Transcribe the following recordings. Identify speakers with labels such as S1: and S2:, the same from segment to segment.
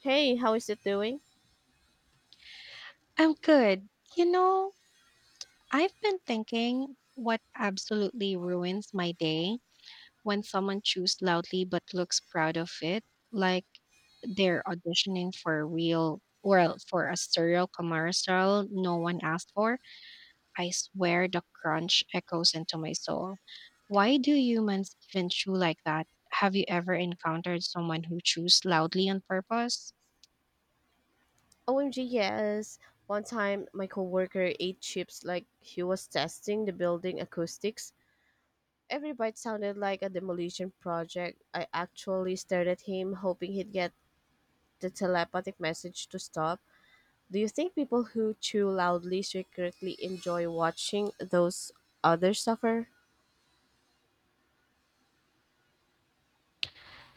S1: Hey, how is it doing?
S2: I'm good. You know, I've been thinking what absolutely ruins my day when someone chews loudly but looks proud of it, like they're auditioning for a real, well, for a serial commercial no one asked for. I swear the crunch echoes into my soul. Why do humans even chew like that? Have you ever encountered someone who chews loudly on purpose?
S1: OMG, yes. One time, my coworker ate chips like he was testing the building acoustics. Every bite sounded like a demolition project. I actually stared at him, hoping he'd get the telepathic message to stop. Do you think people who chew loudly secretly enjoy watching those others suffer?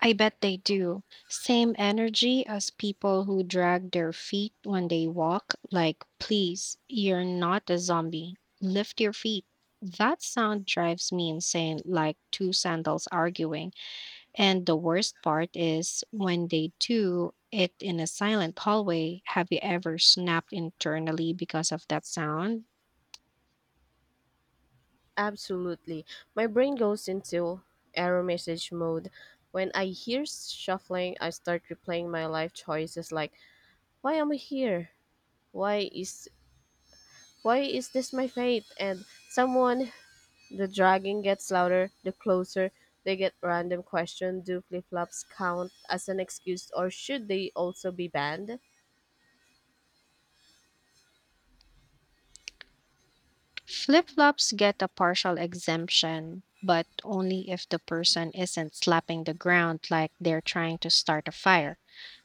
S2: I bet they do. Same energy as people who drag their feet when they walk, like, please, you're not a zombie. Lift your feet. That sound drives me insane, like two sandals arguing. And the worst part is when they do it in a silent hallway, have you ever snapped internally because of that sound?
S1: Absolutely. My brain goes into error message mode. When I hear shuffling, I start replaying my life choices like, why am I here? Why is why is this my fate? And someone, the dragging gets louder the closer they get. Random question: do flip flops count as an excuse or should they also be banned?
S2: Flip flops get a partial exemption, but only if the person isn't slapping the ground like they're trying to start a fire.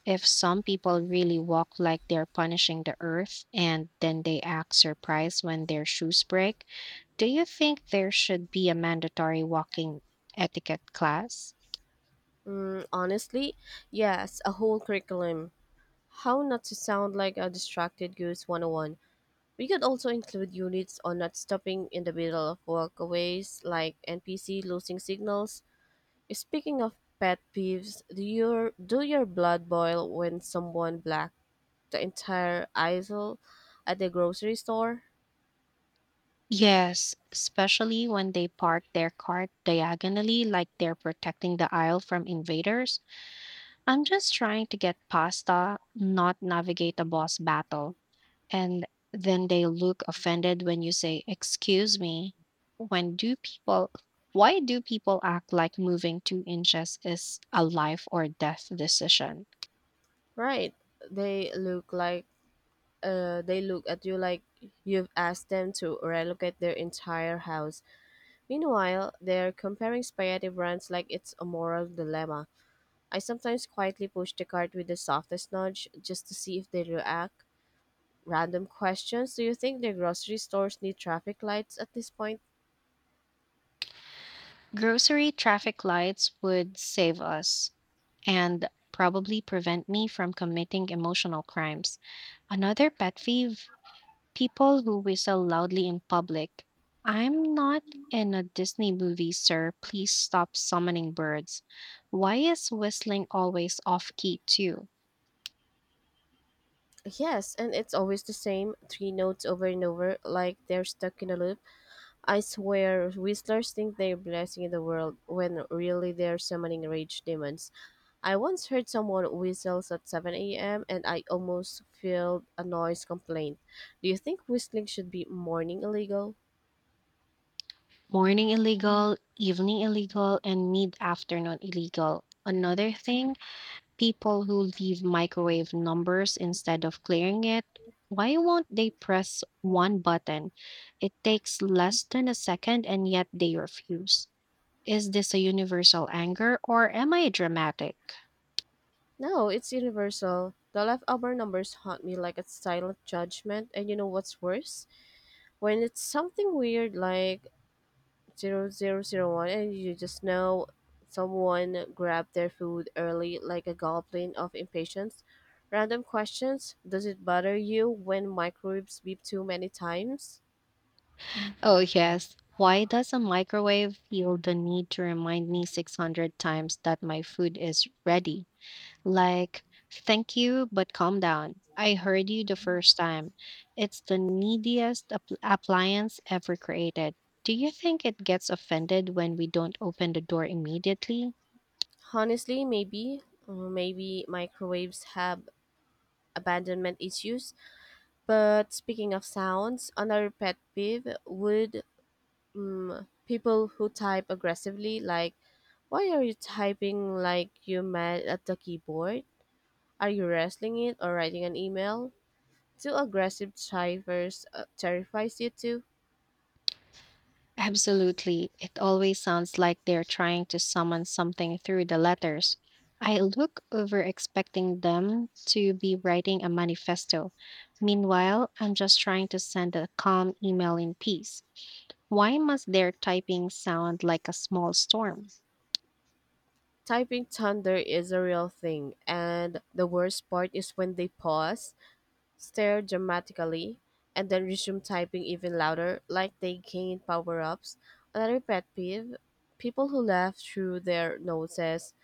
S2: If some people really walk like they're punishing the earth and then they act surprised when their shoes break, do you think there should be a mandatory walking etiquette class?
S1: Honestly, yes, a whole curriculum. How not to sound like a distracted goose 101. We could also include units on not stopping in the middle of walkaways like NPC losing signals. Speaking of pet peeves, do your blood boil when someone black the entire aisle at the grocery store?
S2: Yes, especially when they park their cart diagonally like they're protecting the aisle from invaders. I'm just trying to get pasta, not navigate a boss battle. And then they look offended when you say, excuse me. When do people, why do people act like moving 2 inches is a life or death decision?
S1: Right. They look like, they look at you like you've asked them to relocate their entire house. Meanwhile, they're comparing spaghetti brands like it's a moral dilemma. I sometimes quietly push the cart with the softest nudge just to see if they react. Random questions. Do you think the grocery stores need traffic lights at this point?
S2: Grocery traffic lights would save us and probably prevent me from committing emotional crimes. Another pet peeve, people who whistle loudly in public. I'm not in a Disney movie, sir. Please stop summoning birds. Why is whistling always off key, too?
S1: Yes, and it's always the same three notes over and over, like they're stuck in a loop. I swear, whistlers think they're blessing the world when really they're summoning rage demons. I once heard someone whistles at 7 a.m., and I almost filed a noise complaint. Do you think whistling should be morning illegal?
S2: Morning illegal, evening illegal, and mid afternoon illegal. Another thing, people who leave microwave numbers instead of clearing it. Why won't they press one button? It takes less than a second and yet they refuse. Is this a universal anger or am I dramatic?
S1: No, it's universal. The leftover numbers haunt me like a silent judgment, and you know what's worse? When it's something weird like 0001, and you just know someone grabbed their food early like a goblet of impatience. Random questions. Does it bother you when microwaves beep too many times?
S2: Oh, yes. Why does a microwave feel the need to remind me 600 times that my food is ready? Like, thank you, but calm down. I heard you the first time. It's the neediest appliance ever created. Do you think it gets offended when we don't open the door immediately?
S1: Honestly, maybe. Maybe microwaves have abandonment issues. But speaking of sounds, another pet peeve would people who type aggressively, like, why are you typing like you mad at the keyboard? Are you wrestling it or writing an email? Too aggressive typers, terrifies you too.
S2: Absolutely. It always sounds like they're trying to summon something through the letters. I look over expecting them to be writing a manifesto. Meanwhile, I'm just trying to send a calm email in peace. Why must their typing sound like a small storm?
S1: Typing thunder is a real thing, and the worst part is when they pause, stare dramatically, and then resume typing even louder, like they gained power ups. Another pet peeve, people who laugh through their noses.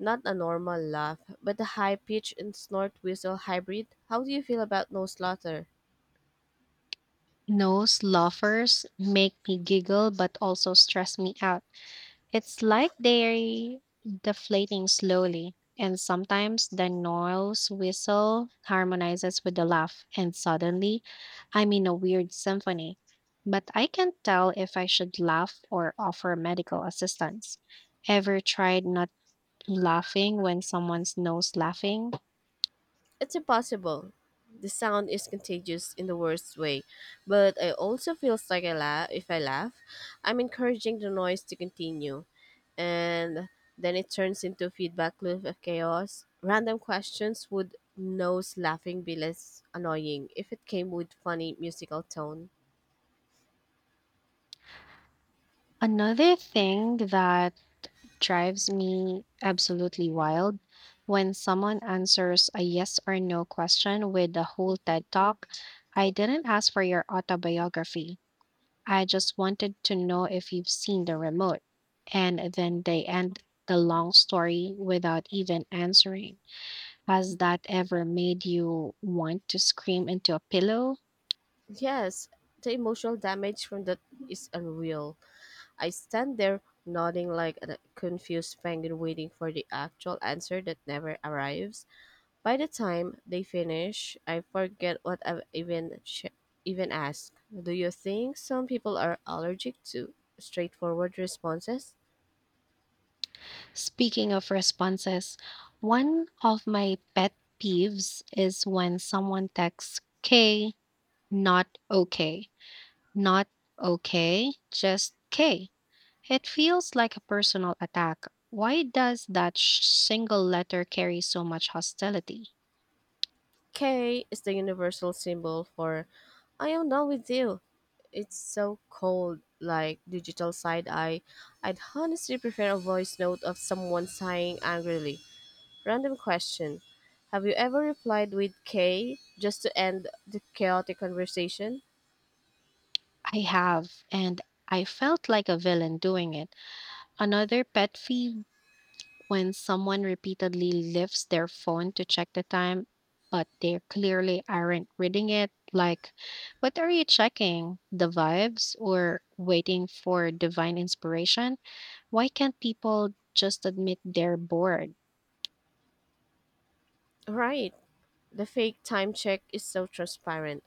S1: Not a normal laugh, but a high pitch and snort whistle hybrid. How do you feel about nose slaughter?
S2: Those laughers make me giggle but also stress me out. It's like they're deflating slowly, and sometimes the Noel's whistle harmonizes with the laugh, and suddenly I'm in a weird symphony. But I can't tell if I should laugh or offer medical assistance. Ever tried not laughing when someone's nose laughing?
S1: It's impossible. The sound is contagious in the worst way, but I also feels like I laugh. If I laugh, I'm encouraging the noise to continue. And then it turns into a feedback loop of chaos. Random questions, would nose laughing be less annoying if it came with funny musical tone.
S2: Another thing that drives me absolutely wild when someone answers a yes or no question with a whole TED talk. I didn't ask for your autobiography. I just wanted to know if you've seen the remote. And then they end the long story without even answering. Has that ever made you want to scream into a pillow?
S1: Yes, the emotional damage from that is unreal. I stand there nodding like a confused penguin waiting for the actual answer that never arrives. By the time they finish, I forget what I've even asked. Do you think some people are allergic to straightforward responses?
S2: Speaking of responses, one of my pet peeves is when someone texts, K. Not okay. Not okay. Just K. It feels like a personal attack. Why does that single letter carry so much hostility?
S1: K is the universal symbol for I am done with you. It's so cold, like digital side eye. I'd honestly prefer a voice note of someone sighing angrily. Random question. Have you ever replied with K just to end the chaotic conversation?
S2: I have, and I felt like a villain doing it. Another pet peeve, when someone repeatedly lifts their phone to check the time, but they clearly aren't reading it. Like, what are you checking? The vibes or waiting for divine inspiration? Why can't people just admit they're bored?
S1: Right. The fake time check is so transparent.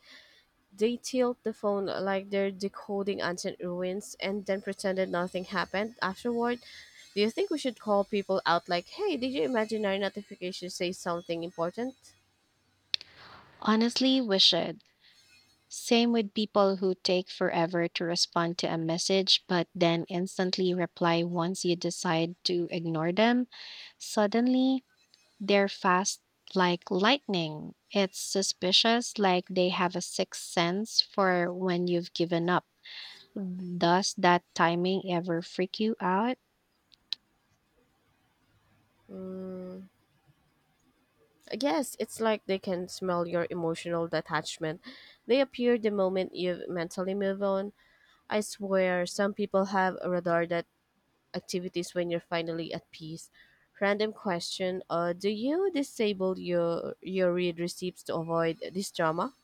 S1: They tilt the phone like they're decoding ancient ruins and then pretended nothing happened afterward. Do you think we should call people out like, hey, did your imaginary notification say something important?
S2: Honestly, we should. Same with people who take forever to respond to a message, but then instantly reply once you decide to ignore them. Suddenly, they're fast like lightning. It's suspicious, like they have a sixth sense for when you've given up. Does that timing ever freak you out?
S1: Yes, it's like they can smell your emotional detachment. They appear the moment you mentally move on. I swear, some people have a radar that activities when you're finally at peace. Random question: do you disable your read receipts to avoid this drama?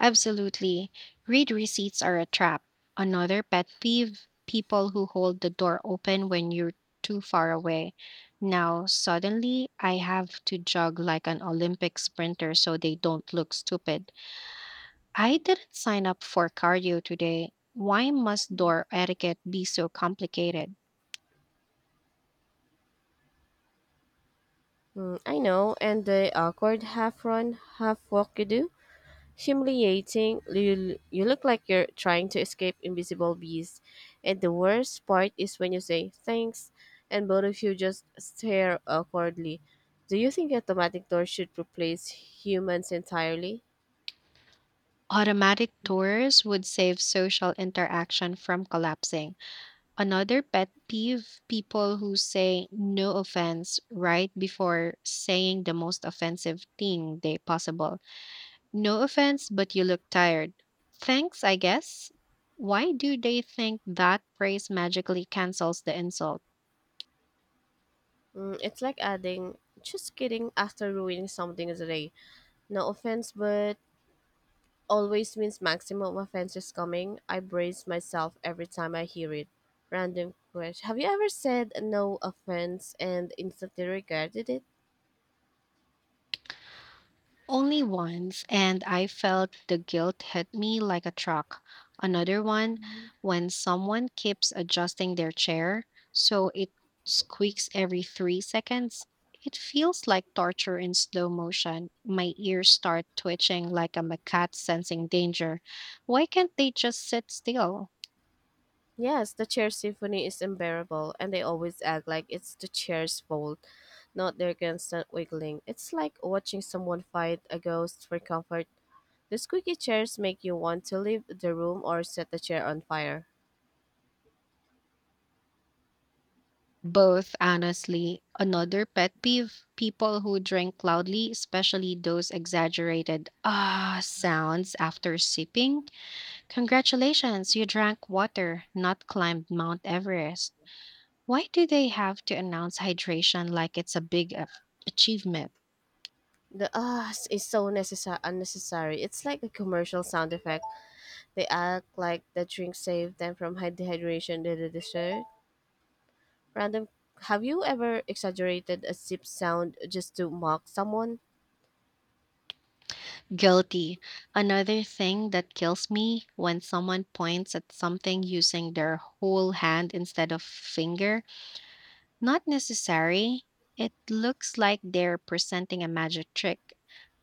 S2: Absolutely. Read receipts are a trap. Another pet peeve, people who hold the door open when you're too far away. Now, suddenly, I have to jog like an Olympic sprinter so they don't look stupid. I didn't sign up for cardio today. Why must door etiquette be so complicated?
S1: I know, and the awkward half run, half walk you do. Humiliating. You look like you're trying to escape invisible bees. And the worst part is when you say thanks and both of you just stare awkwardly. Do you think automatic doors should replace humans entirely?
S2: Automatic doors would save social interaction from collapsing. Another pet peeve, people who say no offense right before saying the most offensive thing they possible. No offense, but you look tired. Thanks, I guess. Why do they think that praise magically cancels the insult?
S1: It's like adding, just kidding, after ruining something today. No offense, but always means maximum offense is coming. I brace myself every time I hear it. Random question. Have you ever said no offense and instantly regretted it?
S2: Only once, and I felt the guilt hit me like a truck. Another one, when someone keeps adjusting their chair so it squeaks every 3 seconds. It feels like torture in slow motion. My ears start twitching like I'm a cat sensing danger. Why can't they just sit still?
S1: Yes, the chair symphony is unbearable, and they always act like it's the chair's fault, not their constant wiggling. It's like watching someone fight a ghost for comfort. The squeaky chairs make you want to leave the room or set the chair on fire.
S2: Both, honestly. Another pet peeve, people who drink loudly, especially those exaggerated ah sounds after sipping. Congratulations, you drank water, not climbed Mount Everest. Why do they have to announce hydration like it's a big achievement?
S1: The ah is so necessary, unnecessary. It's like a commercial sound effect. They act like the drink saved them from dehydration to the dessert. Random. Have you ever exaggerated a sip sound just to mock someone?
S2: Guilty. Another thing that kills me when someone points at something using their whole hand instead of finger. Not necessary. It looks like they're presenting a magic trick.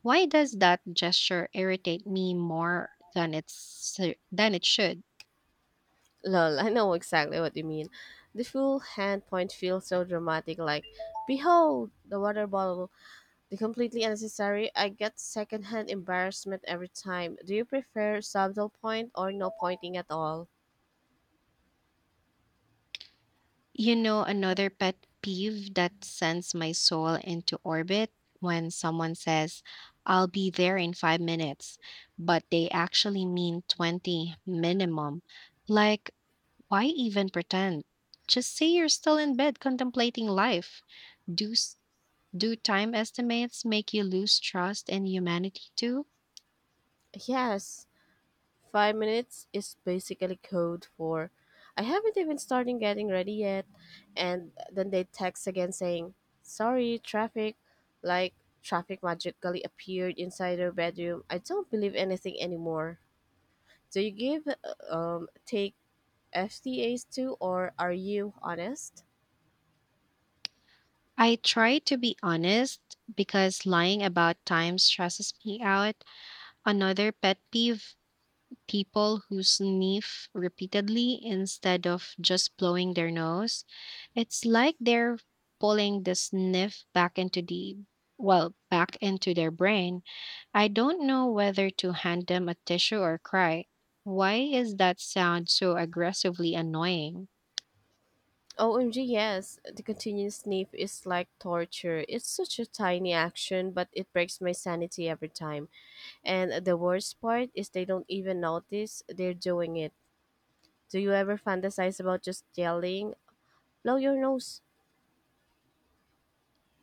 S2: Why does that gesture irritate me more than it should?
S1: Lol, I know exactly what you mean. The full hand point feels so dramatic, like, behold, the water bottle. The completely unnecessary, I get secondhand embarrassment every time. Do you prefer subtle point or no pointing at all?
S2: You know, another pet peeve that sends my soul into orbit when someone says, I'll be there in 5 minutes, but they actually mean 20 minimum. Like, why even pretend? Just say you're still in bed contemplating life. Do, s- do time estimates make you lose trust in humanity too?
S1: Yes, 5 minutes is basically code for I haven't even started getting ready yet. And then they text again saying, sorry, traffic. Like traffic magically appeared inside their bedroom. I don't believe anything anymore. Do you give, take FTAs too, or are you honest?
S2: I try to be honest because lying about time stresses me out. Another pet peeve, people who sniff repeatedly instead of just blowing their nose. It's like they're pulling the sniff back into the well, back into their brain. I don't know whether to hand them a tissue or cry. Why is that sound so aggressively annoying?
S1: OMG, yes. The continuous sniff is like torture. It's such a tiny action, but it breaks my sanity every time. And the worst part is they don't even notice they're doing it. Do you ever fantasize about just yelling, blow your nose?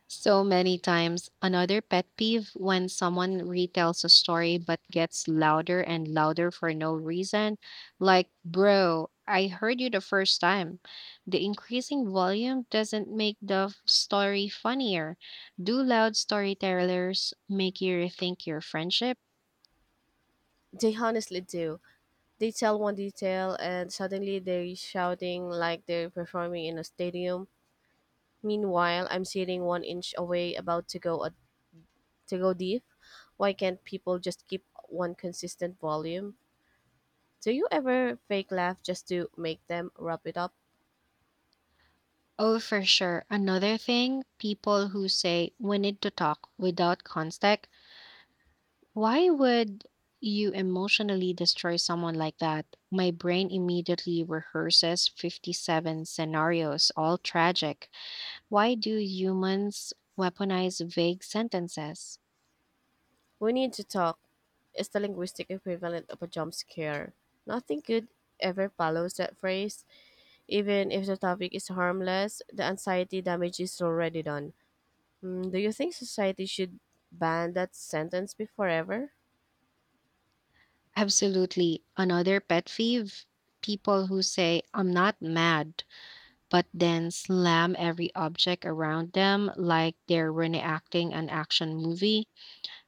S2: So many times. Another pet peeve, when someone retells a story but gets louder and louder for no reason. Like, bro, I heard you the first time. The increasing volume doesn't make the story funnier. Do loud storytellers make you rethink your friendship?
S1: They honestly do. They tell one detail and suddenly they're shouting like they're performing in a stadium. Meanwhile, I'm sitting one inch away about to go deep. Why can't people just keep one consistent volume? Do you ever fake laugh just to make them wrap it up?
S2: Oh, for sure. Another thing, people who say we need to talk without context. Why would you emotionally destroy someone like that? My brain immediately rehearses 57 scenarios, all tragic. Why do humans weaponize vague sentences?
S1: We need to talk is the linguistic equivalent of a jump scare. Nothing good ever follows that phrase. Even if the topic is harmless, the anxiety damage is already done. Do you think society should ban that sentence be forever?
S2: Absolutely. Another pet peeve, people who say, I'm not mad, but then slam every object around them like they're reenacting an action movie.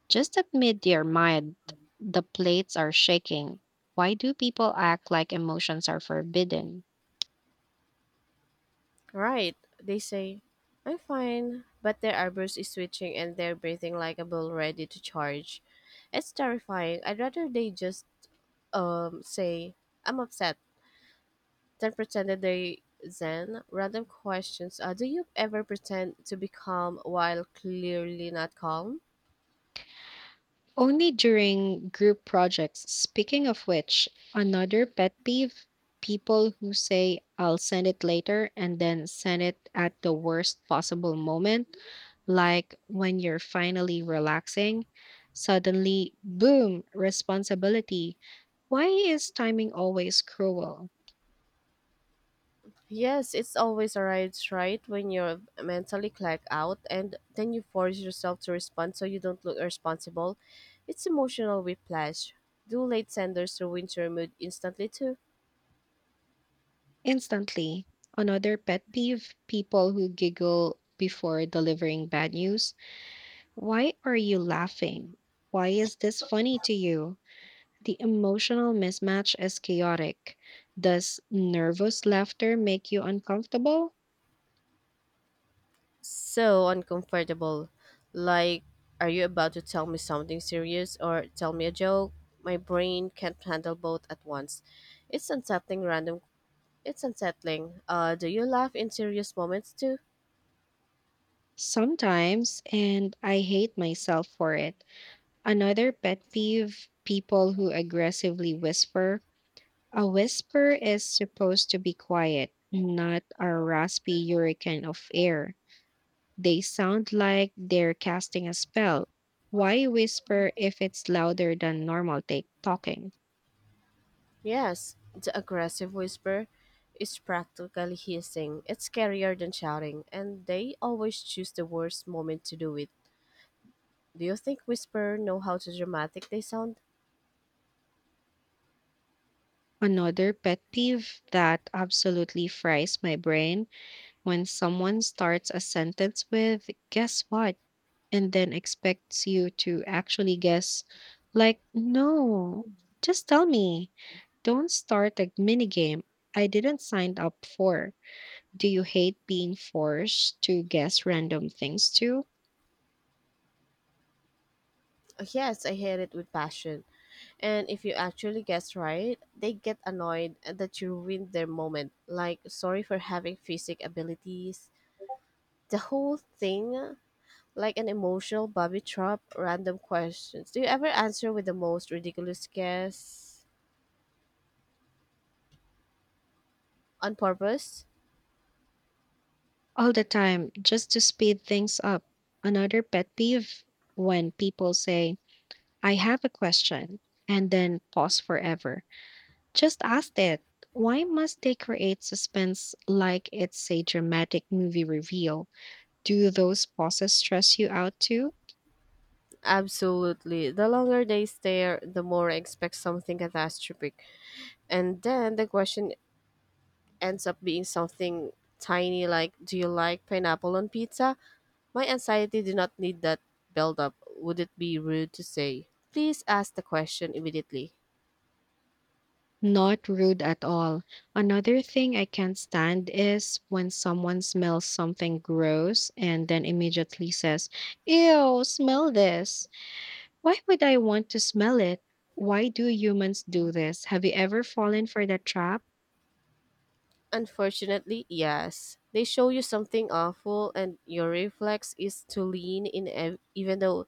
S2: Just admit your mind. The plates are shaking. Why do people act like emotions are forbidden?
S1: Right, they say, I'm fine, but their eyebrows is twitching and they're breathing like a bull ready to charge. It's terrifying. I'd rather they just say, I'm upset then pretended they then random questions, do you ever pretend to be calm while clearly not calm.
S2: Only during group projects. Speaking of which, another pet peeve, people who say, I'll send it later, and then send it at the worst possible moment, like when you're finally relaxing. Suddenly, boom, responsibility. Why is timing always cruel?
S1: Yes, it's always arrives right when you're mentally clacked out and then you force yourself to respond so you don't look irresponsible. It's emotional whiplash. Do late senders ruin your mood instantly too?
S2: Instantly. Another pet peeve, people who giggle before delivering bad news. Why are you laughing? Why is this funny to you? The emotional mismatch is chaotic. Does nervous laughter make you uncomfortable?
S1: So uncomfortable. Like, are you about to tell me something serious or tell me a joke? My brain can't handle both at once. It's unsettling. Random it's unsettling. Do you laugh in serious moments too?
S2: Sometimes, and I hate myself for it. Another pet peeve, people who aggressively whisper. A whisper is supposed to be quiet, not a raspy hurricane of air. They sound like they're casting a spell. Why whisper if it's louder than normal take talking?
S1: Yes. The aggressive whisper is practically hissing. It's scarier than shouting, and they always choose the worst moment to do it. Do you think whisper know how to dramatic they sound?
S2: Another pet peeve that absolutely fries my brain when someone starts a sentence with, guess what? And then expects you to actually guess. Like, no, just tell me. Don't start a mini game I didn't sign up for. Do you hate being forced to guess random things too?
S1: Yes, I hate it with passion. And if you actually guess right, they get annoyed that you ruined their moment. Like, sorry for having physic abilities. The whole thing, like an emotional bobby trap. Random questions. Do you ever answer with the most ridiculous guess on purpose?
S2: All the time, just to speed things up. Another pet peeve, when people say, I have a question, and then pause forever. Just ask it. Why must they create suspense like it's a dramatic movie reveal? Do those pauses stress you out too?
S1: Absolutely. The longer they stare, the more I expect something catastrophic. And then the question ends up being something tiny like, do you like pineapple on pizza? My anxiety did not need that buildup. Would it be rude to say, please ask the question immediately?
S2: Not rude at all. Another thing I can't stand is when someone smells something gross and then immediately says, ew, smell this. Why would I want to smell it? Why do humans do this? Have you ever fallen for that trap?
S1: Unfortunately, yes. They show you something awful, and your reflex is to lean in, even though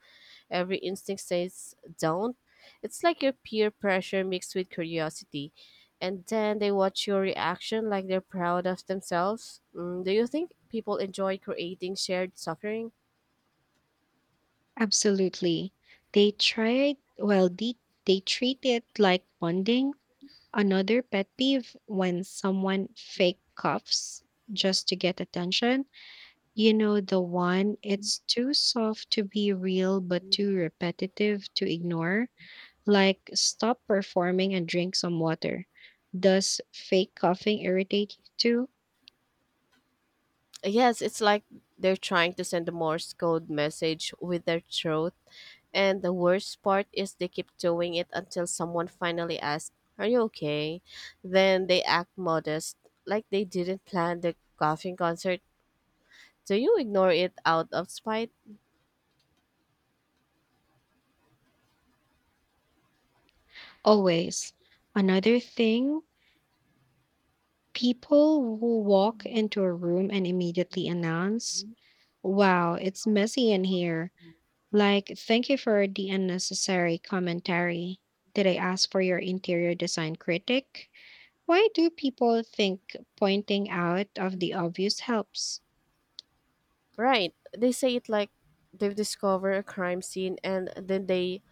S1: every instinct says don't. It's like your peer pressure mixed with curiosity. And then they watch your reaction like they're proud of themselves. Do you think people enjoy creating shared suffering?
S2: Absolutely. They tried, well, they treat it like bonding. Another pet peeve, when someone fake coughs just to get attention. You know, the one, it's too soft to be real, but too repetitive to ignore. Like, stop performing and drink some water. Does fake coughing irritate you too?
S1: Yes, it's like they're trying to send a Morse code message with their throat. And the worst part is they keep doing it until someone finally asks, are you okay? Then they act modest, like they didn't plan the coughing concert. Do you ignore it out of spite?
S2: Always. Another thing, people who walk into a room and immediately announce, wow, it's messy in here. Like, thank you for the unnecessary commentary. Did I ask for your interior design critic? Why do people think pointing out of the obvious helps?
S1: Right. They say it like they've discovered a crime scene and then they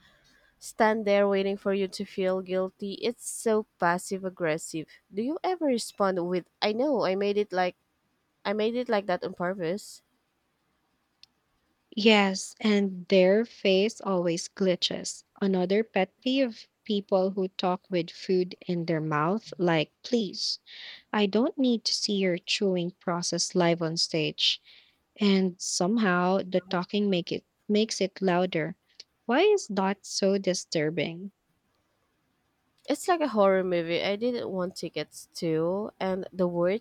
S1: stand there waiting for you to feel guilty. It's so passive aggressive. Do you ever respond with, I know, I made it like that on purpose.
S2: Yes, and their face always glitches. Another pet peeve, people who talk with food in their mouth, like, please, I don't need to see your chewing process live on stage. And somehow the talking makes it louder. Why is that so disturbing?
S1: It's like a horror movie. I didn't want tickets to. And the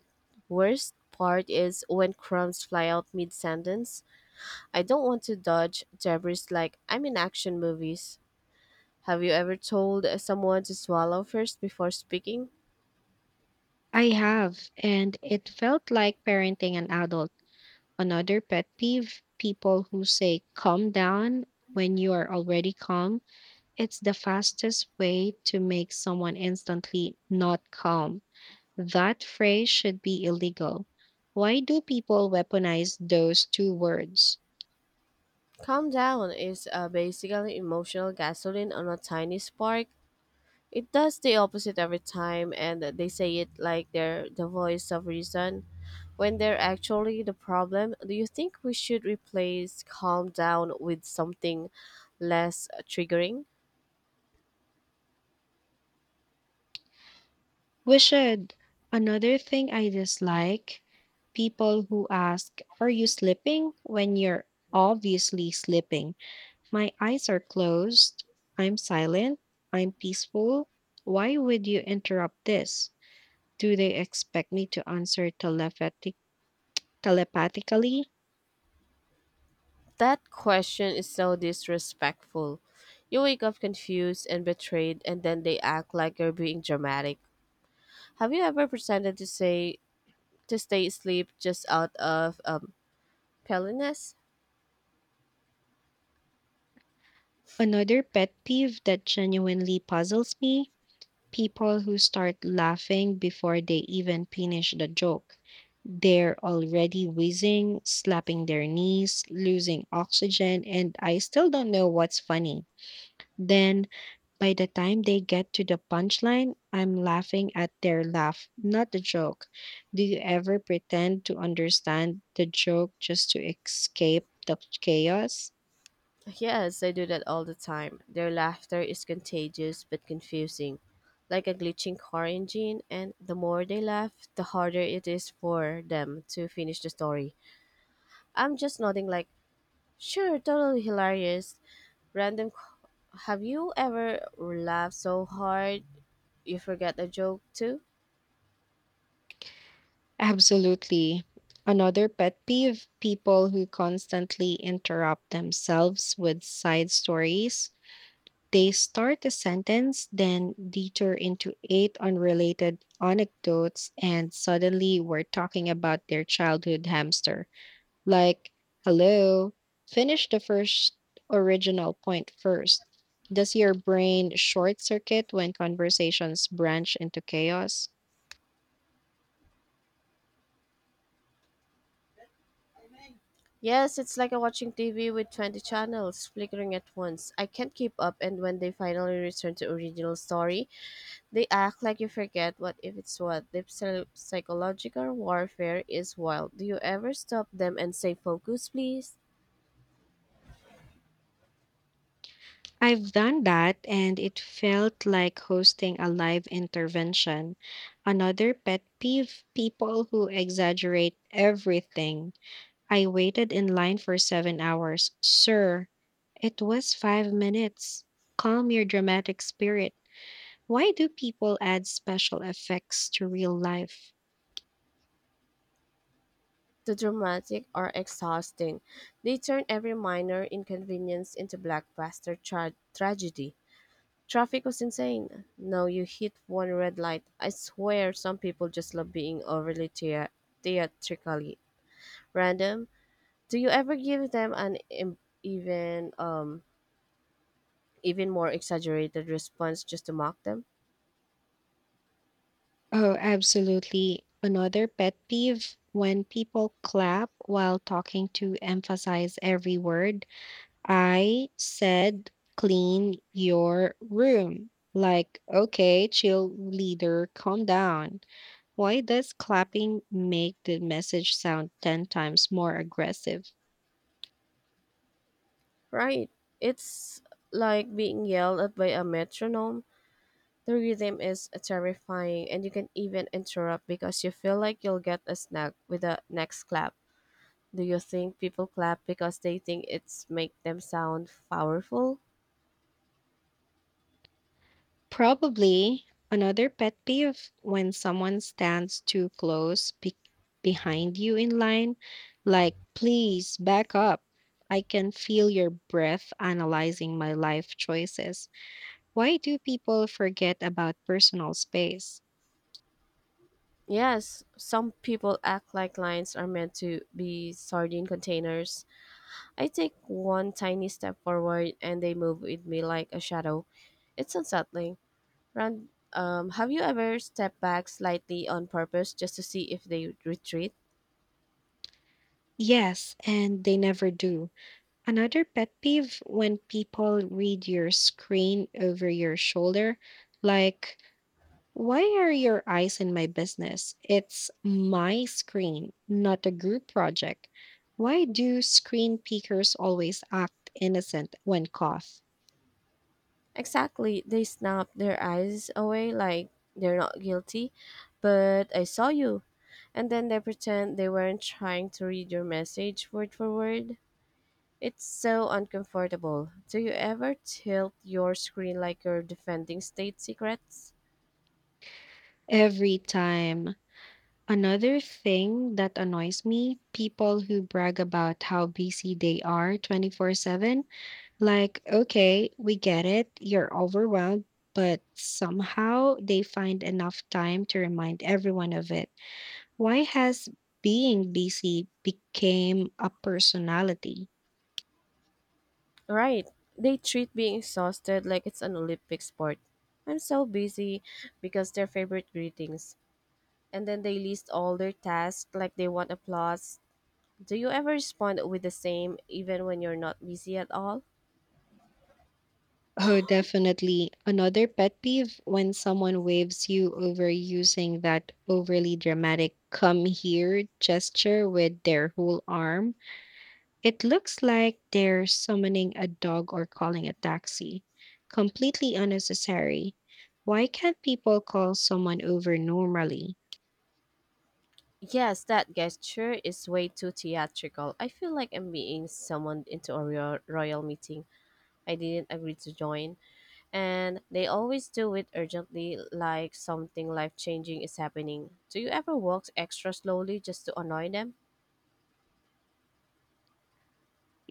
S1: worst part is when crumbs fly out mid sentence. I don't want to dodge debris like I'm in action movies. Have you ever told someone to swallow first before speaking?
S2: I have, and it felt like parenting an adult. Another pet peeve, people who say calm down when you are already calm. It's the fastest way to make someone instantly not calm. That phrase should be illegal. Why do people weaponize those two words?
S1: Calm down is, basically emotional gasoline on a tiny spark. It does the opposite every time, and they say it like they're the voice of reason when they're actually the problem. Do you think we should replace calm down with something less triggering?
S2: We should. Another thing I dislike, people who ask, "Are you sleeping?" when you're obviously sleeping. My eyes are closed. I'm silent. I'm peaceful. Why would you interrupt this? Do they expect me to answer telepathically?
S1: That question is so disrespectful. You wake up confused and betrayed, and then they act like you're being dramatic. Have you ever pretended to say to stay asleep just out of pelliness?
S2: Another pet peeve that genuinely puzzles me, people who start laughing before they even finish the joke. They're already wheezing, slapping their knees, losing oxygen, and I still don't know what's funny. Then, by the time they get to the punchline, I'm laughing at their laugh, not the joke. Do you ever pretend to understand the joke just to escape the chaos?
S1: Yes, I do that all the time. Their laughter is contagious but confusing, like a glitching car engine, and the more they laugh, the harder it is for them to finish the story. I'm just nodding, like, sure, totally hilarious. Random. c- Have you ever laughed so hard you forget the joke too?
S2: Absolutely. Another pet peeve, people who constantly interrupt themselves with side stories. They start a sentence, then detour into eight unrelated anecdotes, and suddenly we're talking about their childhood hamster. Like, hello, finish the first original point first. Does your brain short circuit when conversations branch into chaos?
S1: Yes, it's like a watching TV with 20 channels flickering at once. I can't keep up, and when they finally return to original story, they act like you forget what if it's what. The psychological warfare is wild. Do you ever stop them and say, focus, please?
S2: I've done that, and it felt like hosting a live intervention. Another pet peeve, people who exaggerate everything. I waited in line for 7 hours. Sir, it was 5 minutes. Calm your dramatic spirit. Why do people add special effects to real life?
S1: The dramatic are exhausting. They turn every minor inconvenience into blockbuster tragedy. Traffic was insane. No, you hit one red light. I swear some people just love being overly theatrically random. Do you ever give them an even more exaggerated response just to mock them?
S2: Oh, absolutely. Another pet peeve when people clap while talking to emphasize every word. I said, clean your room. Like, okay, chill, leader, calm down. Why does clapping make the message sound 10 times more aggressive?
S1: Right. It's like being yelled at by a metronome. The rhythm is terrifying, and you can even interrupt because you feel like you'll get a snack with the next clap. Do you think people clap because they think it's make them sound powerful?
S2: Probably another pet peeve when someone stands too close behind you in line, like, please back up. I can feel your breath analyzing my life choices. Why do people forget about personal space?
S1: Yes, some people act like lines are meant to be sardine containers. I take one tiny step forward and they move with me like a shadow. It's unsettling. Have you ever stepped back slightly on purpose just to see if they retreat?
S2: Yes, and they never do. Another pet peeve when people read your screen over your shoulder, like, why are your eyes in my business? It's my screen, not a group project. Why do screen peekers always act innocent when caught?
S1: Exactly. They snap their eyes away like they're not guilty, but I saw you. And then they pretend they weren't trying to read your message word for word. It's so uncomfortable. Do you ever tilt your screen like you're defending state secrets?
S2: Every time. Another thing that annoys me, people who brag about how busy they are 24/7. Like, okay, we get it, you're overwhelmed, but somehow they find enough time to remind everyone of it. Why has being busy became a personality?
S1: Right. They treat being exhausted like it's an Olympic sport. I'm so busy because their favorite greetings, and then they list all their tasks like they want applause. Do you ever respond with the same even when you're not busy at all?
S2: Oh, definitely. Another pet peeve when someone waves you over using that overly dramatic come here gesture with their whole arm. It looks like they're summoning a dog or calling a taxi. Completely unnecessary. Why can't people call someone over normally?
S1: Yes, that gesture is way too theatrical. I feel like I'm being summoned into a royal meeting I didn't agree to join. And they always do it urgently, like something life changing is happening. Do you ever walk extra slowly just to annoy them?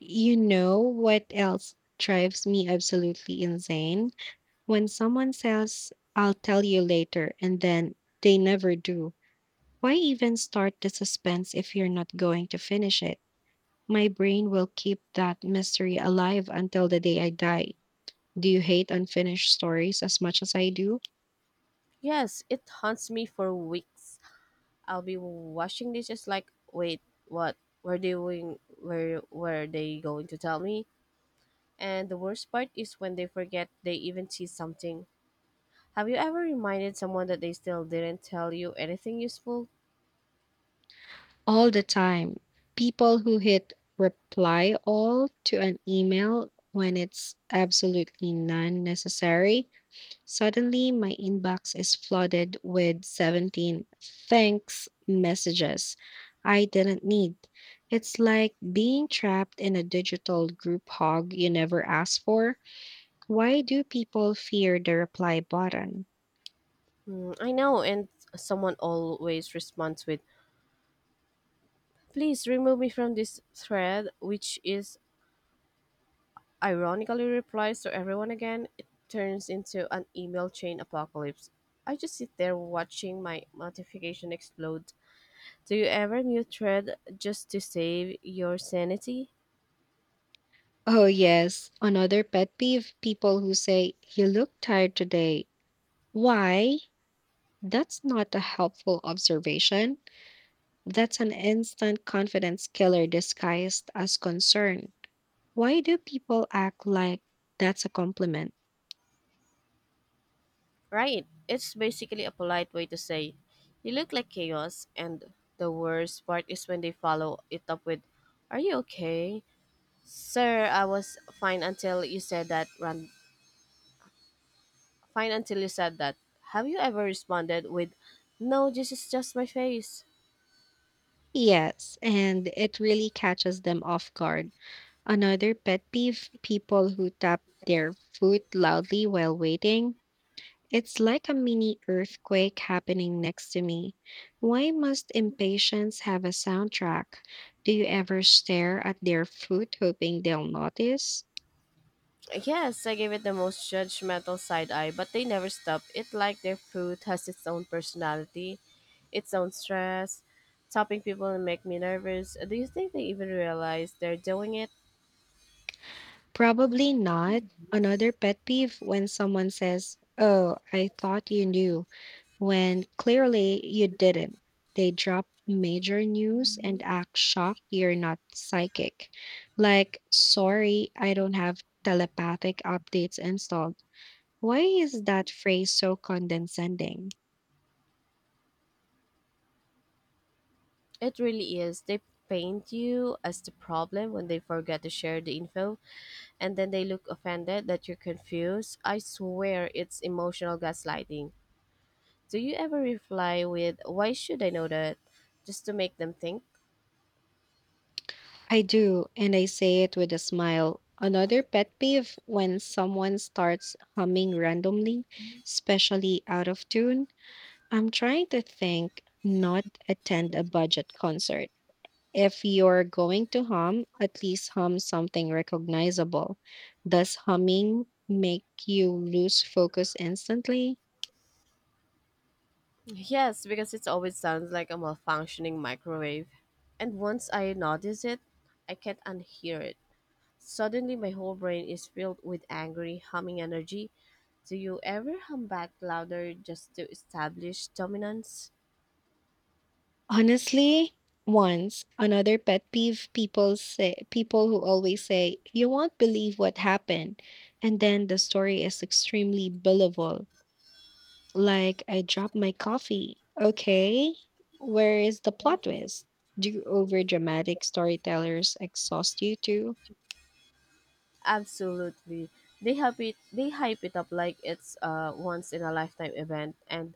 S2: You know what else drives me absolutely insane? When someone says, "I'll tell you later," and then they never do. Why even start the suspense if you're not going to finish it? My brain will keep that mystery alive until the day I die. Do you hate unfinished stories as much as I do?
S1: Yes, it haunts me for weeks. I'll be washing dishes like, wait, what? Were they doing? Were they going to tell me? And the worst part is when they forget they even see something. Have you ever reminded someone that they still didn't tell you anything useful?
S2: All the time. People who hit reply all to an email when it's absolutely non necessary. Suddenly, my inbox is flooded with 17 thanks messages I didn't need. It's like being trapped in a digital group hog you never asked for. Why do people fear the reply button?
S1: Hmm, I know, and someone always responds with, "Please remove me from this thread," which is ironically replies to everyone again. It turns into an email chain apocalypse. I just sit there watching my notification explode. Do you ever mute thread just to save your sanity?
S2: Oh, yes. Another pet peeve, people who say, "You look tired today." Why? That's not a helpful observation. That's an instant confidence killer disguised as concern. Why do people act like that's a compliment?
S1: Right. It's basically a polite way to say, you look like chaos, and the worst part is when they follow it up with, are you okay? Sir, I was fine until you said that. Run Fine until you said that. Have you ever responded with, no, this is just my face?
S2: Yes, and it really catches them off guard. Another pet peeve, people who tap their foot loudly while waiting. It's like a mini earthquake happening next to me. Why must impatience have a soundtrack? Do you ever stare at their foot hoping they'll notice?
S1: Yes, I gave it the most judgmental side eye, but they never stop. It like their food has its own personality, its own stress. Topping people make me nervous. Do you think they even realize they're doing it?
S2: Probably not. Another pet peeve when someone says, "Oh, I thought you knew," when clearly you didn't. They drop major news and act shocked you're not psychic. Like, sorry, I don't have telepathic updates installed. Why is that phrase so condescending?
S1: It really is. They paint you as the problem when they forget to share the info, and then they look offended that you're confused. I swear it's emotional gaslighting. Do you ever reply with, why should I know that? Just to make them think?
S2: I do, and I say it with a smile. Another pet peeve when someone starts humming randomly, especially out of tune. I'm trying to think, not attend a budget concert. If you're going to hum, at least hum something recognizable. Does humming make you lose focus instantly?
S1: Yes, because it always sounds like a malfunctioning microwave. And once I notice it, I can't unhear it. Suddenly, my whole brain is filled with angry, humming energy. Do you ever hum back louder just to establish dominance?
S2: Honestly, once another pet peeve people who always say you won't believe what happened, and then the story is extremely believable. Like, I dropped my coffee. Okay, where is the plot twist? Do overdramatic storytellers exhaust you too?
S1: Absolutely. They hype it up like it's a once in a lifetime event, and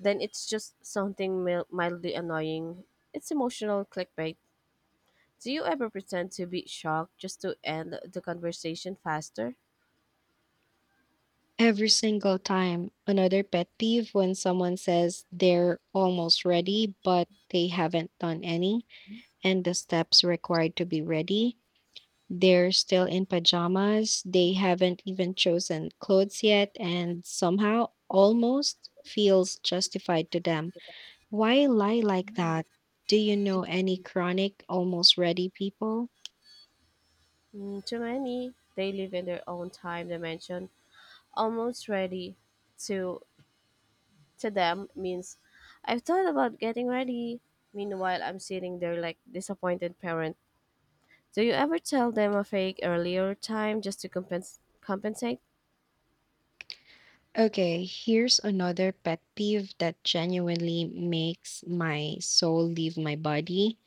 S1: then it's just something mildly annoying. It's emotional clickbait. Do you ever pretend to be shocked just to end the conversation faster?
S2: Every single time. Another pet peeve when someone says they're almost ready, but they haven't done any, and the steps required to be ready. They're still in pajamas, they haven't even chosen clothes yet, and somehow almost feels justified to them. Why lie like that? Do you know any chronic, almost ready people?
S1: Mm, too many. They live in their own time dimension, almost ready. To to them means I've thought about getting ready. Meanwhile, I'm sitting there like disappointed parent. Do you ever tell them a fake earlier time just to compensate?
S2: Okay, here's another pet peeve that genuinely makes my soul leave my body.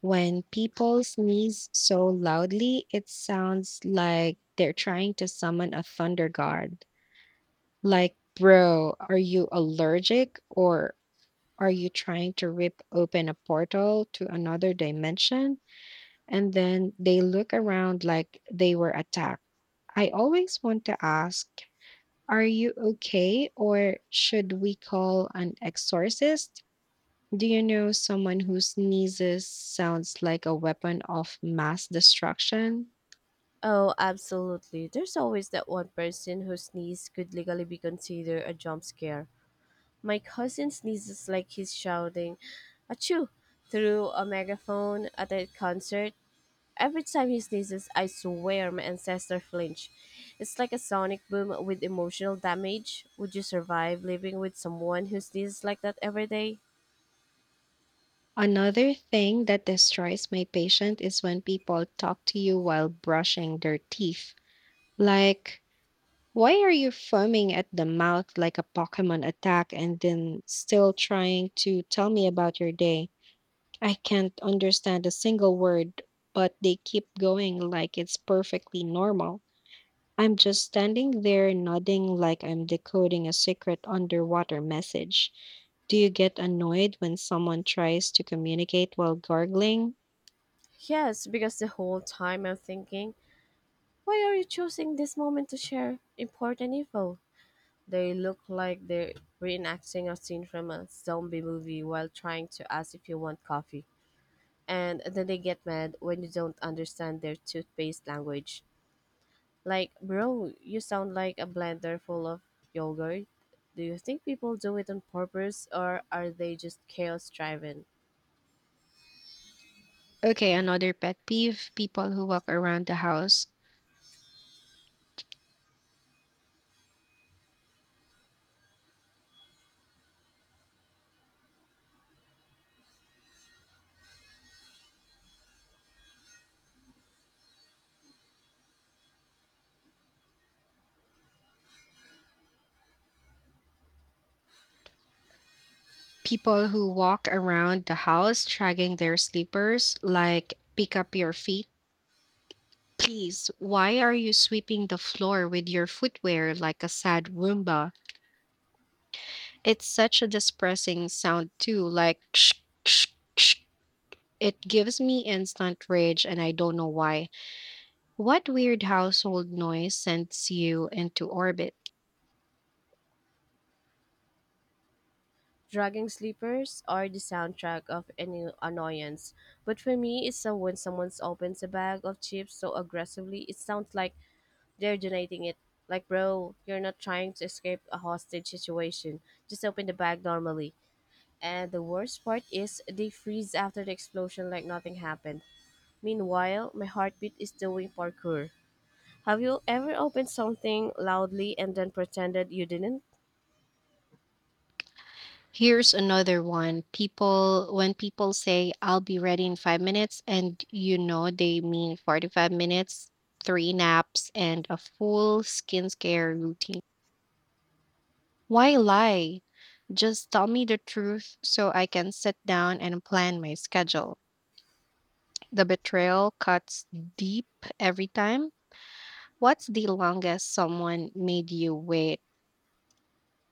S2: When people sneeze so loudly, it sounds like they're trying to summon a thunder god. Like, bro, are you allergic, or are you trying to rip open a portal to another dimension? And then they look around like they were attacked. I always want to ask, are you okay? Or should we call an exorcist? Do you know someone who sneezes sounds like a weapon of mass destruction?
S1: Oh, absolutely. There's always that one person whose sneeze could legally be considered a jump scare. My cousin sneezes like he's shouting, achoo, through a megaphone at a concert. Every time he sneezes, I swear my ancestor flinch. It's like a sonic boom with emotional damage. Would you survive living with someone who sneezes like that every day?
S2: Another thing that destroys my patient is when people talk to you while brushing their teeth. Like, why are you foaming at the mouth like a Pokemon attack and then still trying to tell me about your day? I can't understand a single word, but they keep going like it's perfectly normal. I'm just standing there nodding like I'm decoding a secret underwater message. Do you get annoyed when someone tries to communicate while gargling?
S1: Yes, because the whole time I'm thinking, why are you choosing this moment to share important info? They look like they're reenacting a scene from a zombie movie while trying to ask if you want coffee, and then they get mad when you don't understand their toothpaste language. Like, bro, you sound like a blender full of yogurt. Do you think people do it on purpose or are they just chaos driven?
S2: Okay, another pet peeve, People who walk around the house dragging their slippers, like, pick up your feet. Please, why are you sweeping the floor with your footwear like a sad Roomba? It's such a depressing sound, too, like ksh, ksh, ksh. It gives me instant rage, and I don't know why. What weird household noise sends you into orbit?
S1: Dragging sleepers are the soundtrack of any annoyance. But for me, it's when someone opens a bag of chips so aggressively, it sounds like they're donating it. Like, bro, you're not trying to escape a hostage situation. Just open the bag normally. And the worst part is they freeze after the explosion like nothing happened. Meanwhile, my heartbeat is doing parkour. Have you ever opened something loudly and then pretended you didn't?
S2: Here's another one. When people say, "I'll be ready in 5 minutes," and you know they mean 45 minutes, three naps, and a full skincare routine. Why lie? Just tell me the truth so I can sit down and plan my schedule. The betrayal cuts deep every time. What's the longest someone made you wait?